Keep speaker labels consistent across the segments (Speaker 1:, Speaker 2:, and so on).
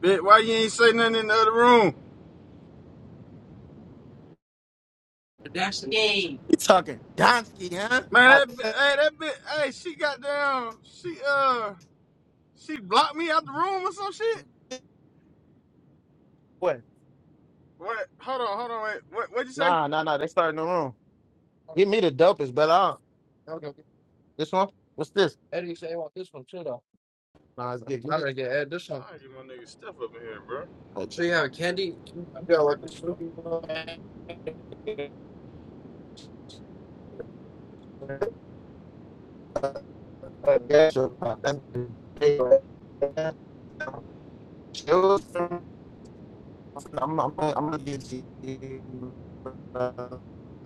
Speaker 1: Bitch, why you ain't say nothing in the other room?
Speaker 2: That's the name. You talking Donsky, huh?
Speaker 1: Man,
Speaker 2: I
Speaker 1: that bi-
Speaker 2: said,
Speaker 1: hey, that bitch, hey, she got down. She uh, she blocked me out the room or some shit.
Speaker 2: what?
Speaker 1: What? Hold on, hold on. Wait, what? What'd you say?
Speaker 2: Nah, nah, nah. They starting the room. Give me the dopest, but I Okay, okay. this one. What's this? Eddie you say you want this one too though. Nah, it's good. I'm gonna get Ed this one.
Speaker 1: Trying to get my nigga stuff up in here, bro.
Speaker 2: Oh, So you have a candy? You got like this one. I guess you're- I'm I'm I'm gonna get you. uh,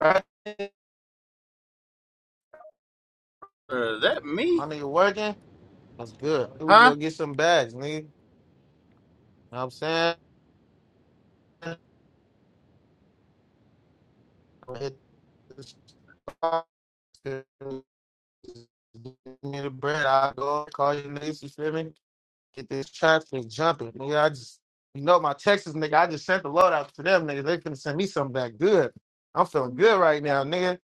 Speaker 2: uh,
Speaker 1: Uh, that
Speaker 2: My
Speaker 1: me?
Speaker 2: nigga working. That's good. We can
Speaker 1: Huh?
Speaker 2: go get some bags, nigga. You know what I'm saying? I'ma Hit the spot, give me the bread. I'll go call you niggas, you feel me? Get this traffic jumping. Nigga, I just, you know, my Texas nigga, I just sent the load out to them, nigga. They finna send me something back good. I'm feeling good right now, nigga.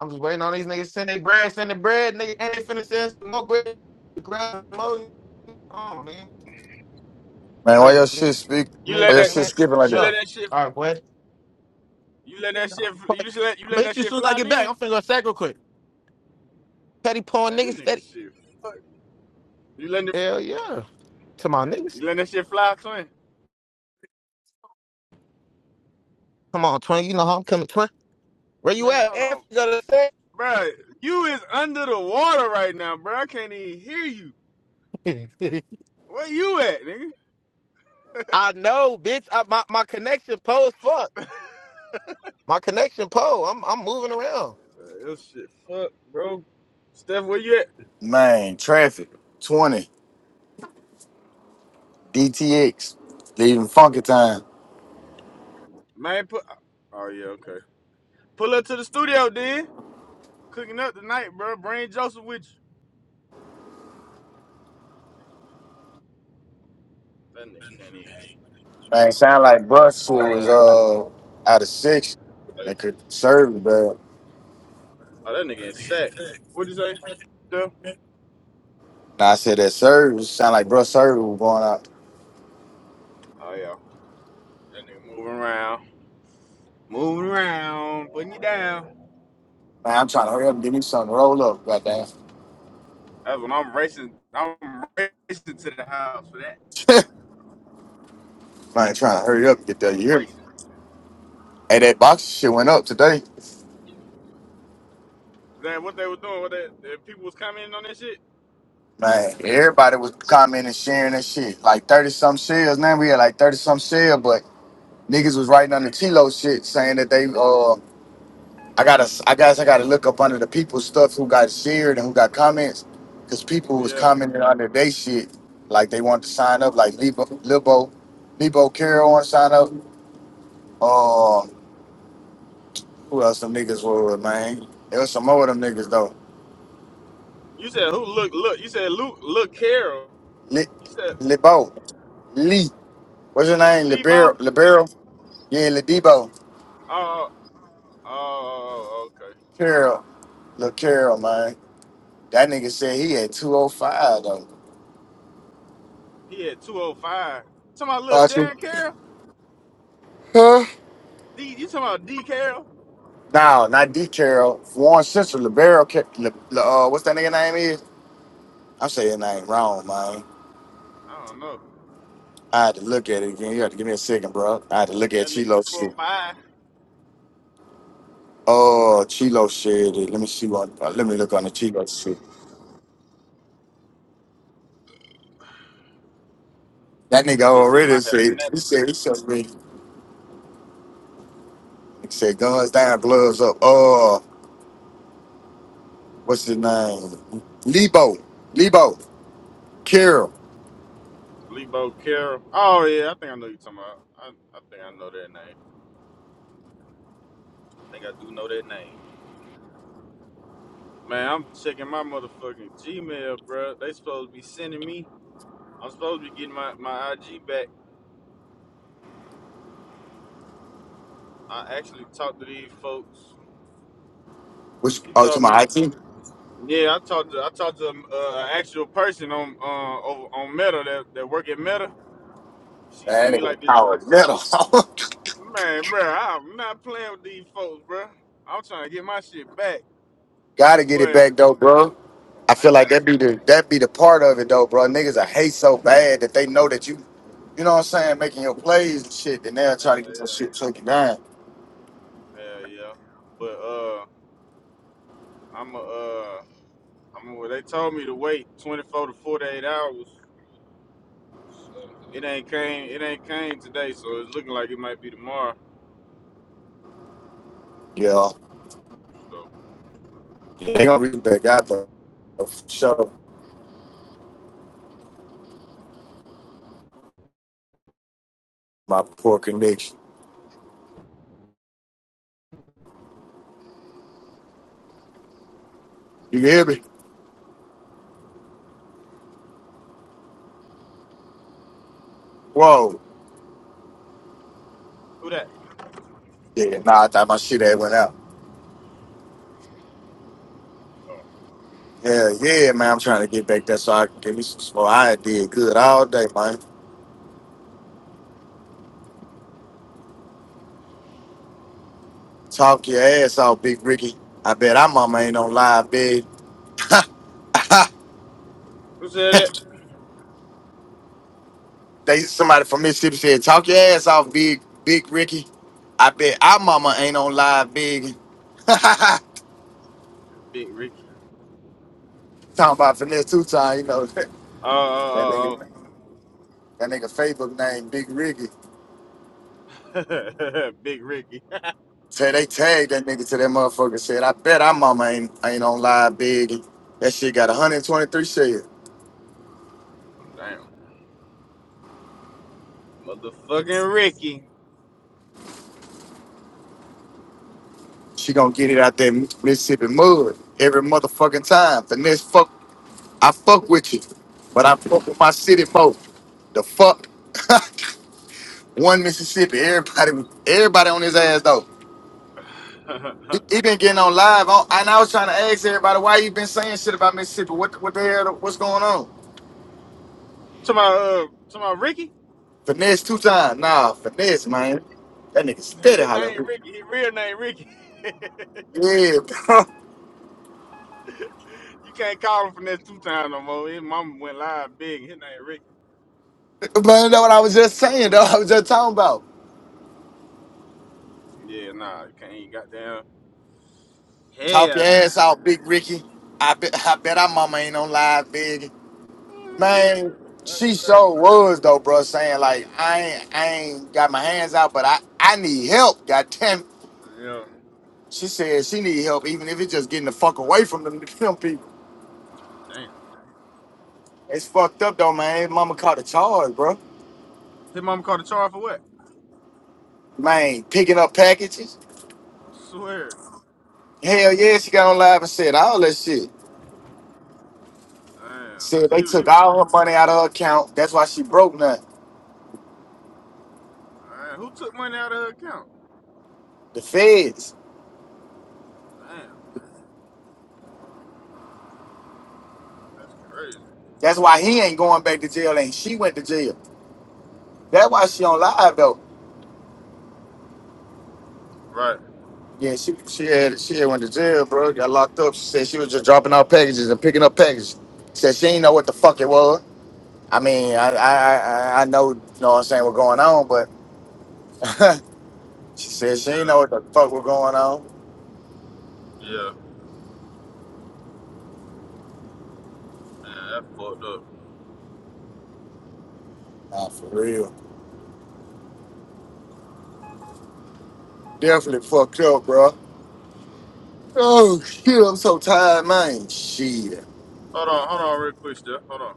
Speaker 2: I'm just waiting on these niggas to send their bread, send their bread, nigga. And they finna send some more bread. Grab more. Oh, man.
Speaker 3: Man, why your
Speaker 2: Like,
Speaker 3: shit speak?
Speaker 1: You
Speaker 2: man,
Speaker 1: let
Speaker 3: Why
Speaker 2: you
Speaker 3: your
Speaker 2: in
Speaker 1: that?
Speaker 2: a
Speaker 3: shit
Speaker 2: minute.
Speaker 3: skipping
Speaker 2: For
Speaker 3: like
Speaker 1: You
Speaker 3: that?
Speaker 2: sure.
Speaker 1: let that shit?
Speaker 2: All right, boy.
Speaker 1: You let
Speaker 2: I'm
Speaker 1: that shit? You just let you
Speaker 2: gonna
Speaker 1: let
Speaker 2: hit
Speaker 1: that
Speaker 2: you as
Speaker 1: shit
Speaker 2: soon as I
Speaker 1: fly?
Speaker 2: get back.
Speaker 1: Then
Speaker 2: I'm finna go sack real quick. Petty pawn
Speaker 1: man, this
Speaker 2: niggas, petty.
Speaker 1: nigga shit. Fuck. You letting it?
Speaker 2: Hell yeah. Come on,
Speaker 1: You
Speaker 2: niggas.
Speaker 1: letting that shit fly, twin?
Speaker 2: Come on, twin. You know how I'm coming, twin. Where you
Speaker 1: Man,
Speaker 2: at?
Speaker 1: hold
Speaker 2: F,
Speaker 1: on,
Speaker 2: you gotta say.
Speaker 1: bro. You is under the water right now, bro. I can't even hear you. Where you at, nigga?
Speaker 2: I know, bitch. I, my my connection pole is fucked. My connection pole. I'm I'm moving around.
Speaker 1: Uh, Yo, shit, fuck, bro. Steph, where you at?
Speaker 3: Man, traffic, 20, DTX, they even funky time.
Speaker 1: Man, put. Oh yeah, okay. Pull up to the studio, dude. Cooking up tonight, bro. Bring Joseph with you. That nigga can't eat.
Speaker 3: Man, sound like
Speaker 1: I'm gonna
Speaker 3: bruh shit
Speaker 1: slide.
Speaker 3: was uh out of six.
Speaker 1: Hey,
Speaker 3: That could service, but
Speaker 1: Oh, that nigga in sack. What'd you say? Steph?
Speaker 3: now I said that service sound like bruh service was going out.
Speaker 1: Oh yeah. That nigga moving around, moving around, putting you down.
Speaker 3: Man, I'm trying to hurry up and get me something to roll up, goddamn.
Speaker 1: That's when I'm racing. I'm racing to the house for that.
Speaker 3: Man, trying to hurry up and get there.
Speaker 1: I'm
Speaker 3: You hear me?
Speaker 1: racing.
Speaker 3: Hey, that box shit went up today.
Speaker 1: That what they were doing? What that? that people was commenting on that shit?
Speaker 3: Man, everybody was commenting, sharing that shit. Like 30 some shares. Now we had like 30 some shares, but Niggas was writing on the Chilo shit saying that they uh I gotta I guess I gotta look up under the people stuff who got shared and who got comments because people was
Speaker 1: Yeah.
Speaker 3: commenting under they shit like they wanted to sign up like Lebo Libo Lebo Carroll want to sign up. Uh, who else them niggas were with man? There was some more of them niggas though.
Speaker 1: You said who? Look, look. You said Luke. Look, Carol.
Speaker 3: Li-
Speaker 1: You said
Speaker 3: Lebo Lee what's your name?
Speaker 1: Lebo?
Speaker 3: Libero Libero yeah Lebo
Speaker 1: Uh, oh, okay.
Speaker 3: Carroll Lil Carroll man. That nigga said he had 205 though.
Speaker 1: He had 205. Talking about little
Speaker 3: Archie.
Speaker 1: Dan Carroll?
Speaker 3: huh.
Speaker 1: D, you talking about D Carroll?
Speaker 3: No, not D Carroll. Warren sister, Libero, Ca- Li- Li- uh, what's that nigga name is? I'm saying his name wrong, man.
Speaker 1: I don't know.
Speaker 3: I had to look at it again. You had to give me a second, bro. I had to look at
Speaker 1: That nigga
Speaker 3: Chilo shit.
Speaker 1: 205.
Speaker 3: Oh, Chilo shit. Let me see what. uh, let me look on the Chilo shit. That nigga
Speaker 1: That bitch said my
Speaker 3: already
Speaker 1: head with
Speaker 3: said.
Speaker 1: that.
Speaker 3: He said he said me. He said guns down, gloves up. Oh, what's his name? Lebo. Lebo. Carroll.
Speaker 1: Lebo Carroll. Oh, yeah, I think I know you talking about. I, I think I know that name. I think I do know that name. Man, I'm checking my motherfucking Gmail, bruh. They supposed to be sending me. I'm supposed to be getting my, my IG back. I actually talked to these folks.
Speaker 3: Which
Speaker 1: She
Speaker 3: oh, to
Speaker 1: told me
Speaker 3: my IT.
Speaker 1: Yeah, I talked to I talked to um, uh, an actual person on uh, over, on Meta that, that work at Meta. She sent
Speaker 3: That
Speaker 1: me
Speaker 3: nigga
Speaker 1: like this,
Speaker 3: power metal.
Speaker 1: man, bro. I'm not playing with these folks, bro. I'm trying to get my shit back,
Speaker 3: Gotta get it
Speaker 1: but
Speaker 3: back though, bro. I
Speaker 1: I
Speaker 3: feel like
Speaker 1: got
Speaker 3: that
Speaker 1: to.
Speaker 3: be the that be the part of it though, bro. Niggas I hate so bad that they know that you, you know what I'm saying, making your plays and shit, and they'll
Speaker 1: Yeah,
Speaker 3: try to get your
Speaker 1: yeah,
Speaker 3: shit taken down.
Speaker 1: yeah, yeah. But uh, I'm a, uh, I'm. A, well, they told me to wait 24 to 48 hours. So it ain't came. It ain't came today. So it's looking like it might be tomorrow.
Speaker 3: Yeah.
Speaker 1: So
Speaker 3: They gonna read back out though. For sure. My poor connection. You hear me? Whoa.
Speaker 1: who that?
Speaker 3: Yeah, nah, I thought my shit had went out. Yeah, yeah, man. I'm trying to get back there so I can give me some smoke. I did good all day, man. Talk your ass off, Big Ricky. I bet our mama ain't on live, big.
Speaker 1: Who said that?
Speaker 3: They somebody from Mississippi said, "Talk your ass off, big big Ricky." I bet our mama ain't on live, big. Talking
Speaker 1: Big Ricky.
Speaker 3: about finesse two time, you know that
Speaker 1: Oh, oh, oh, oh.
Speaker 3: nigga. That nigga Facebook name Big Ricky.
Speaker 1: Big Ricky.
Speaker 3: Say they tagged that nigga to that motherfucker. Said, "I bet our mama ain't ain't on live, big." That shit got 123 shares.
Speaker 1: Damn. Motherfucking Ricky.
Speaker 3: She gonna get it out there Mississippi mud every motherfucking time. Finesse fuck, I fuck with you, but I fuck with my city folk. The fuck. one Mississippi. Everybody, was- everybody on his ass though. He,
Speaker 1: to
Speaker 3: he been getting on live, on, and I was trying to ask everybody why you been saying shit about Mississippi. What, what the hell? What's going on?
Speaker 1: my uh to my Ricky?
Speaker 3: Finesse two times. Nah, finesse, man. That nigga
Speaker 1: His
Speaker 3: steady
Speaker 1: name
Speaker 3: hollering.
Speaker 1: Ricky, his real name Ricky.
Speaker 3: Yeah, bro.
Speaker 1: you can't call him from that two times no more. His mama went live big his name Ricky.
Speaker 3: man. That's what I was just saying. Though I was just talking about.
Speaker 1: Yeah, nah, you can't even goddamn
Speaker 3: Talk your
Speaker 1: hell
Speaker 3: ass out, Big Ricky. I bet, I bet our mama ain't on live, big
Speaker 1: nah.
Speaker 3: man.
Speaker 1: Uh, That's
Speaker 3: She
Speaker 1: crazy.
Speaker 3: so was though, bro. Saying like I ain't, I ain't got my hands out, but I, I need help. God
Speaker 1: Yeah,
Speaker 3: She said she need help, even if it's just getting the fuck away from them, them people.
Speaker 1: damn.
Speaker 3: It's fucked up though, man. Mama caught a charge, bro.
Speaker 1: His mama called the charge for what?
Speaker 3: Man, picking up packages.
Speaker 1: Swear.
Speaker 3: Hell yeah, she got on live and said all that shit.
Speaker 1: Damn.
Speaker 3: Said
Speaker 1: So
Speaker 3: they
Speaker 1: he, he
Speaker 3: took all her money out of her account. That's why she broke nothing.
Speaker 1: man, who took money out of her account?
Speaker 3: The feds.
Speaker 1: Damn, that's crazy.
Speaker 3: That's why he ain't going back to jail, and she went to jail. That's why she on live though.
Speaker 1: Right.
Speaker 3: Yeah, she she had she had went to jail, bro. Got locked up. She said she was just dropping out packages and picking up packages. Said she ain't know what the fuck it was. I mean, I I I I know, you know what I'm saying, what's going on, but she said she ain't
Speaker 1: Yeah,
Speaker 3: know what the fuck was going on.
Speaker 1: yeah. Man, that fucked up.
Speaker 3: Nah, for real. Definitely fucked up, bro. Oh shit, I'm so tired, man. Shit.
Speaker 1: Hold on, hold on, real quick, Steph. Hold on.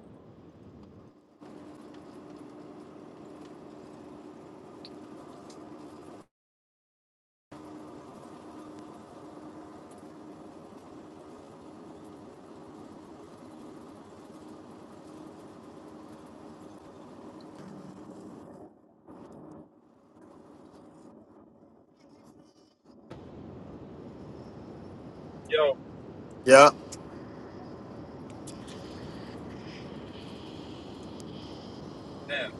Speaker 1: Yo,
Speaker 3: Yeah.
Speaker 1: man.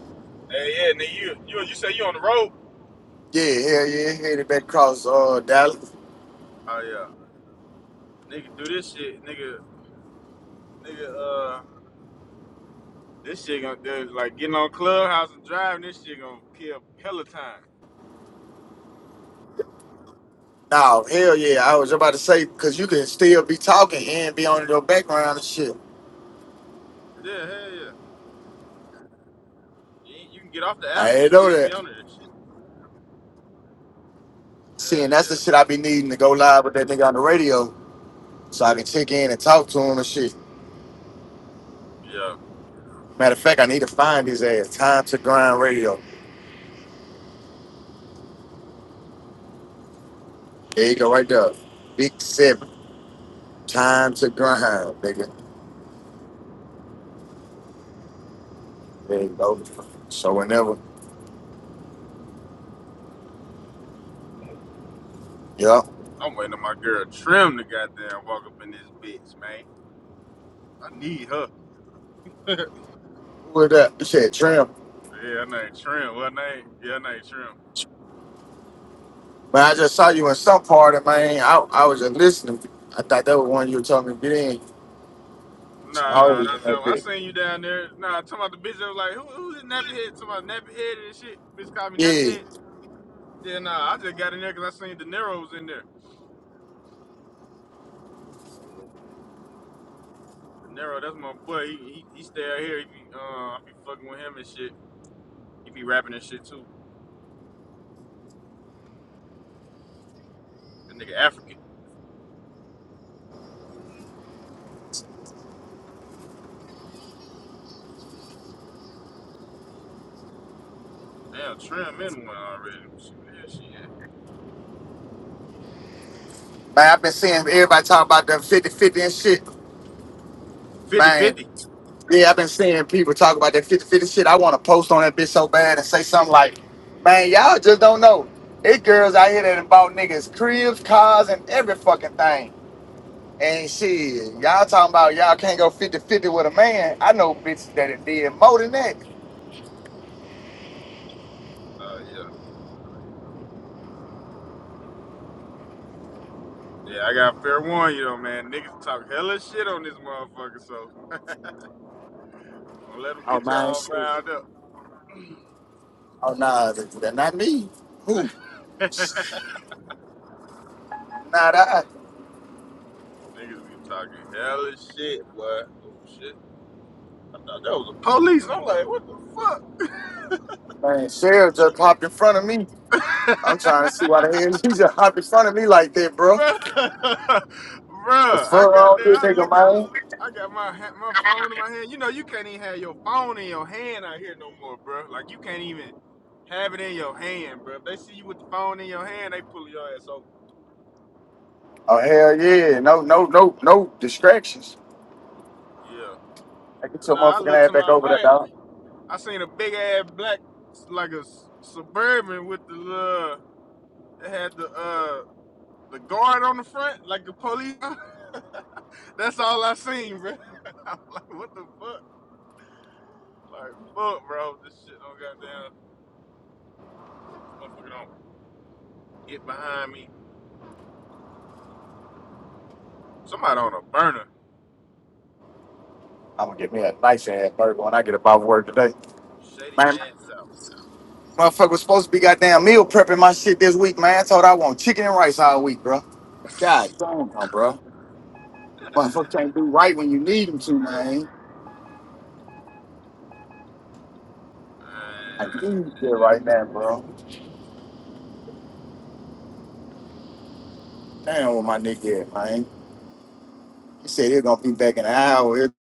Speaker 1: Hey, yeah, nigga, you, you, you say you on the road?
Speaker 3: Yeah, hell yeah, headed back across uh Dallas.
Speaker 1: Oh yeah, nigga, do this shit, nigga, nigga. Uh, this shit gonna do like getting on Clubhouse and driving. This shit gonna kill hella time.
Speaker 3: No, hell yeah. I was about to say, cause you can still be talking and be on your background and shit.
Speaker 1: Yeah, hell yeah. You, ain't- you can get off the
Speaker 3: I
Speaker 1: app and
Speaker 3: ain't know
Speaker 1: still be
Speaker 3: that.
Speaker 1: on this shit.
Speaker 3: See,
Speaker 1: Yeah,
Speaker 3: and that's the shit I be needing to go live with that nigga on the radio so I can check in and talk to him and shit.
Speaker 1: yeah, yeah.
Speaker 3: Matter of fact, I need to find his ass. Time to grind radio. There you go, right there. Big seven. Time to grind, nigga. There you go. So whenever, yeah.
Speaker 1: I'm waiting on my girl Trim to goddamn walk up in this bitch, man. I need her. yeah,
Speaker 3: Who was that? You said Trim.
Speaker 1: her name Trim. What name? Yeah, her name Trim.
Speaker 3: Man, I just saw you in some part of man. I, I was just listening. I thought that was one you were telling me to get in.
Speaker 1: No,
Speaker 3: Some
Speaker 1: no,
Speaker 3: hard
Speaker 1: no,
Speaker 3: in
Speaker 1: not that
Speaker 3: that
Speaker 1: one. I
Speaker 3: bit.
Speaker 1: seen you down there. Nah, talking about the bitch that was like, who, who's this nappy head? Talking about nappy head and shit. Bitch called me nappy
Speaker 3: Yeah.
Speaker 1: head. Yeah, nah, I just got in there 'cause I seen De Niro was in there. De Niro, that's my boy. He he, he stay out here. He be, uh, I be fucking with him and shit. He be rapping and shit too. That nigga African. Damn, Trim in one already. Shit, yeah, shit, yeah.
Speaker 3: Man, I've been seeing everybody talk about them fifty-fifty and shit.
Speaker 1: 50
Speaker 3: Man.
Speaker 1: fifty.
Speaker 3: Yeah, I've been seeing people talk about that fifty-fifty shit. I want to post on that bitch so bad and say something like, man, y'all just don't know. It girls out here that done bought niggas cribs, cars, and every fucking thing. And shit, y'all talking about y'all can't go fifty-fifty with a man. I know bitches that it did more than that.
Speaker 1: Uh, yeah. Yeah, I got fair warning, you know, man. Niggas talk hella shit on this motherfucker, so don't let them
Speaker 3: Oh
Speaker 1: get
Speaker 3: man,
Speaker 1: y'all
Speaker 3: shit.
Speaker 1: riled
Speaker 3: Oh nah, that, that not me. Who?
Speaker 1: up.
Speaker 3: Not I.
Speaker 1: Niggas be talking hella shit, boy. Oh shit. Now, that was the police. I'm like, what the fuck?
Speaker 3: Man, Cheryl just hopped in front of me. I'm trying to see why the hell she just hopped in front of me like that, bro.
Speaker 1: Bruh,
Speaker 3: The
Speaker 1: Bruh, I
Speaker 3: fuck
Speaker 1: got
Speaker 3: wrong
Speaker 1: there.
Speaker 3: with
Speaker 1: I
Speaker 3: this nigga,
Speaker 1: looked.
Speaker 3: man?
Speaker 1: I got my my phone in my hand. You know, you can't even have your phone in your hand out here no more, bruh. Like you can't even have it in your hand, bruh. If they see you with the phone in your hand, they pull your ass over.
Speaker 3: Oh hell yeah! No no no no distractions.
Speaker 1: Yeah.
Speaker 3: I get
Speaker 1: But
Speaker 3: your
Speaker 1: now nah, I
Speaker 3: motherfucking
Speaker 1: looked
Speaker 3: ass
Speaker 1: to
Speaker 3: back
Speaker 1: my
Speaker 3: over there,
Speaker 1: right.
Speaker 3: dog.
Speaker 1: I seen a big ass black, like a suburban with the uh, that had the uh The guard on the front, like the police. That's all I seen, bro. I'm like, what the fuck? Like, fuck, bro. This shit don't goddamn. Motherfucker don't get behind me. Somebody on a burner.
Speaker 3: I'm gonna get me a nice ass burger when I get about work today,
Speaker 1: Shady
Speaker 3: man.
Speaker 1: man south.
Speaker 3: Motherfucker was supposed to be goddamn meal prepping my shit this week, man. I told her I want chicken and rice all week, bro. God damn, no, bro. Motherfucker can't do right when you need him to,
Speaker 1: great,
Speaker 3: man.
Speaker 1: man.
Speaker 3: I need that right now, bro. Damn, with my nigga at, man. He said he's gonna be back in an hour.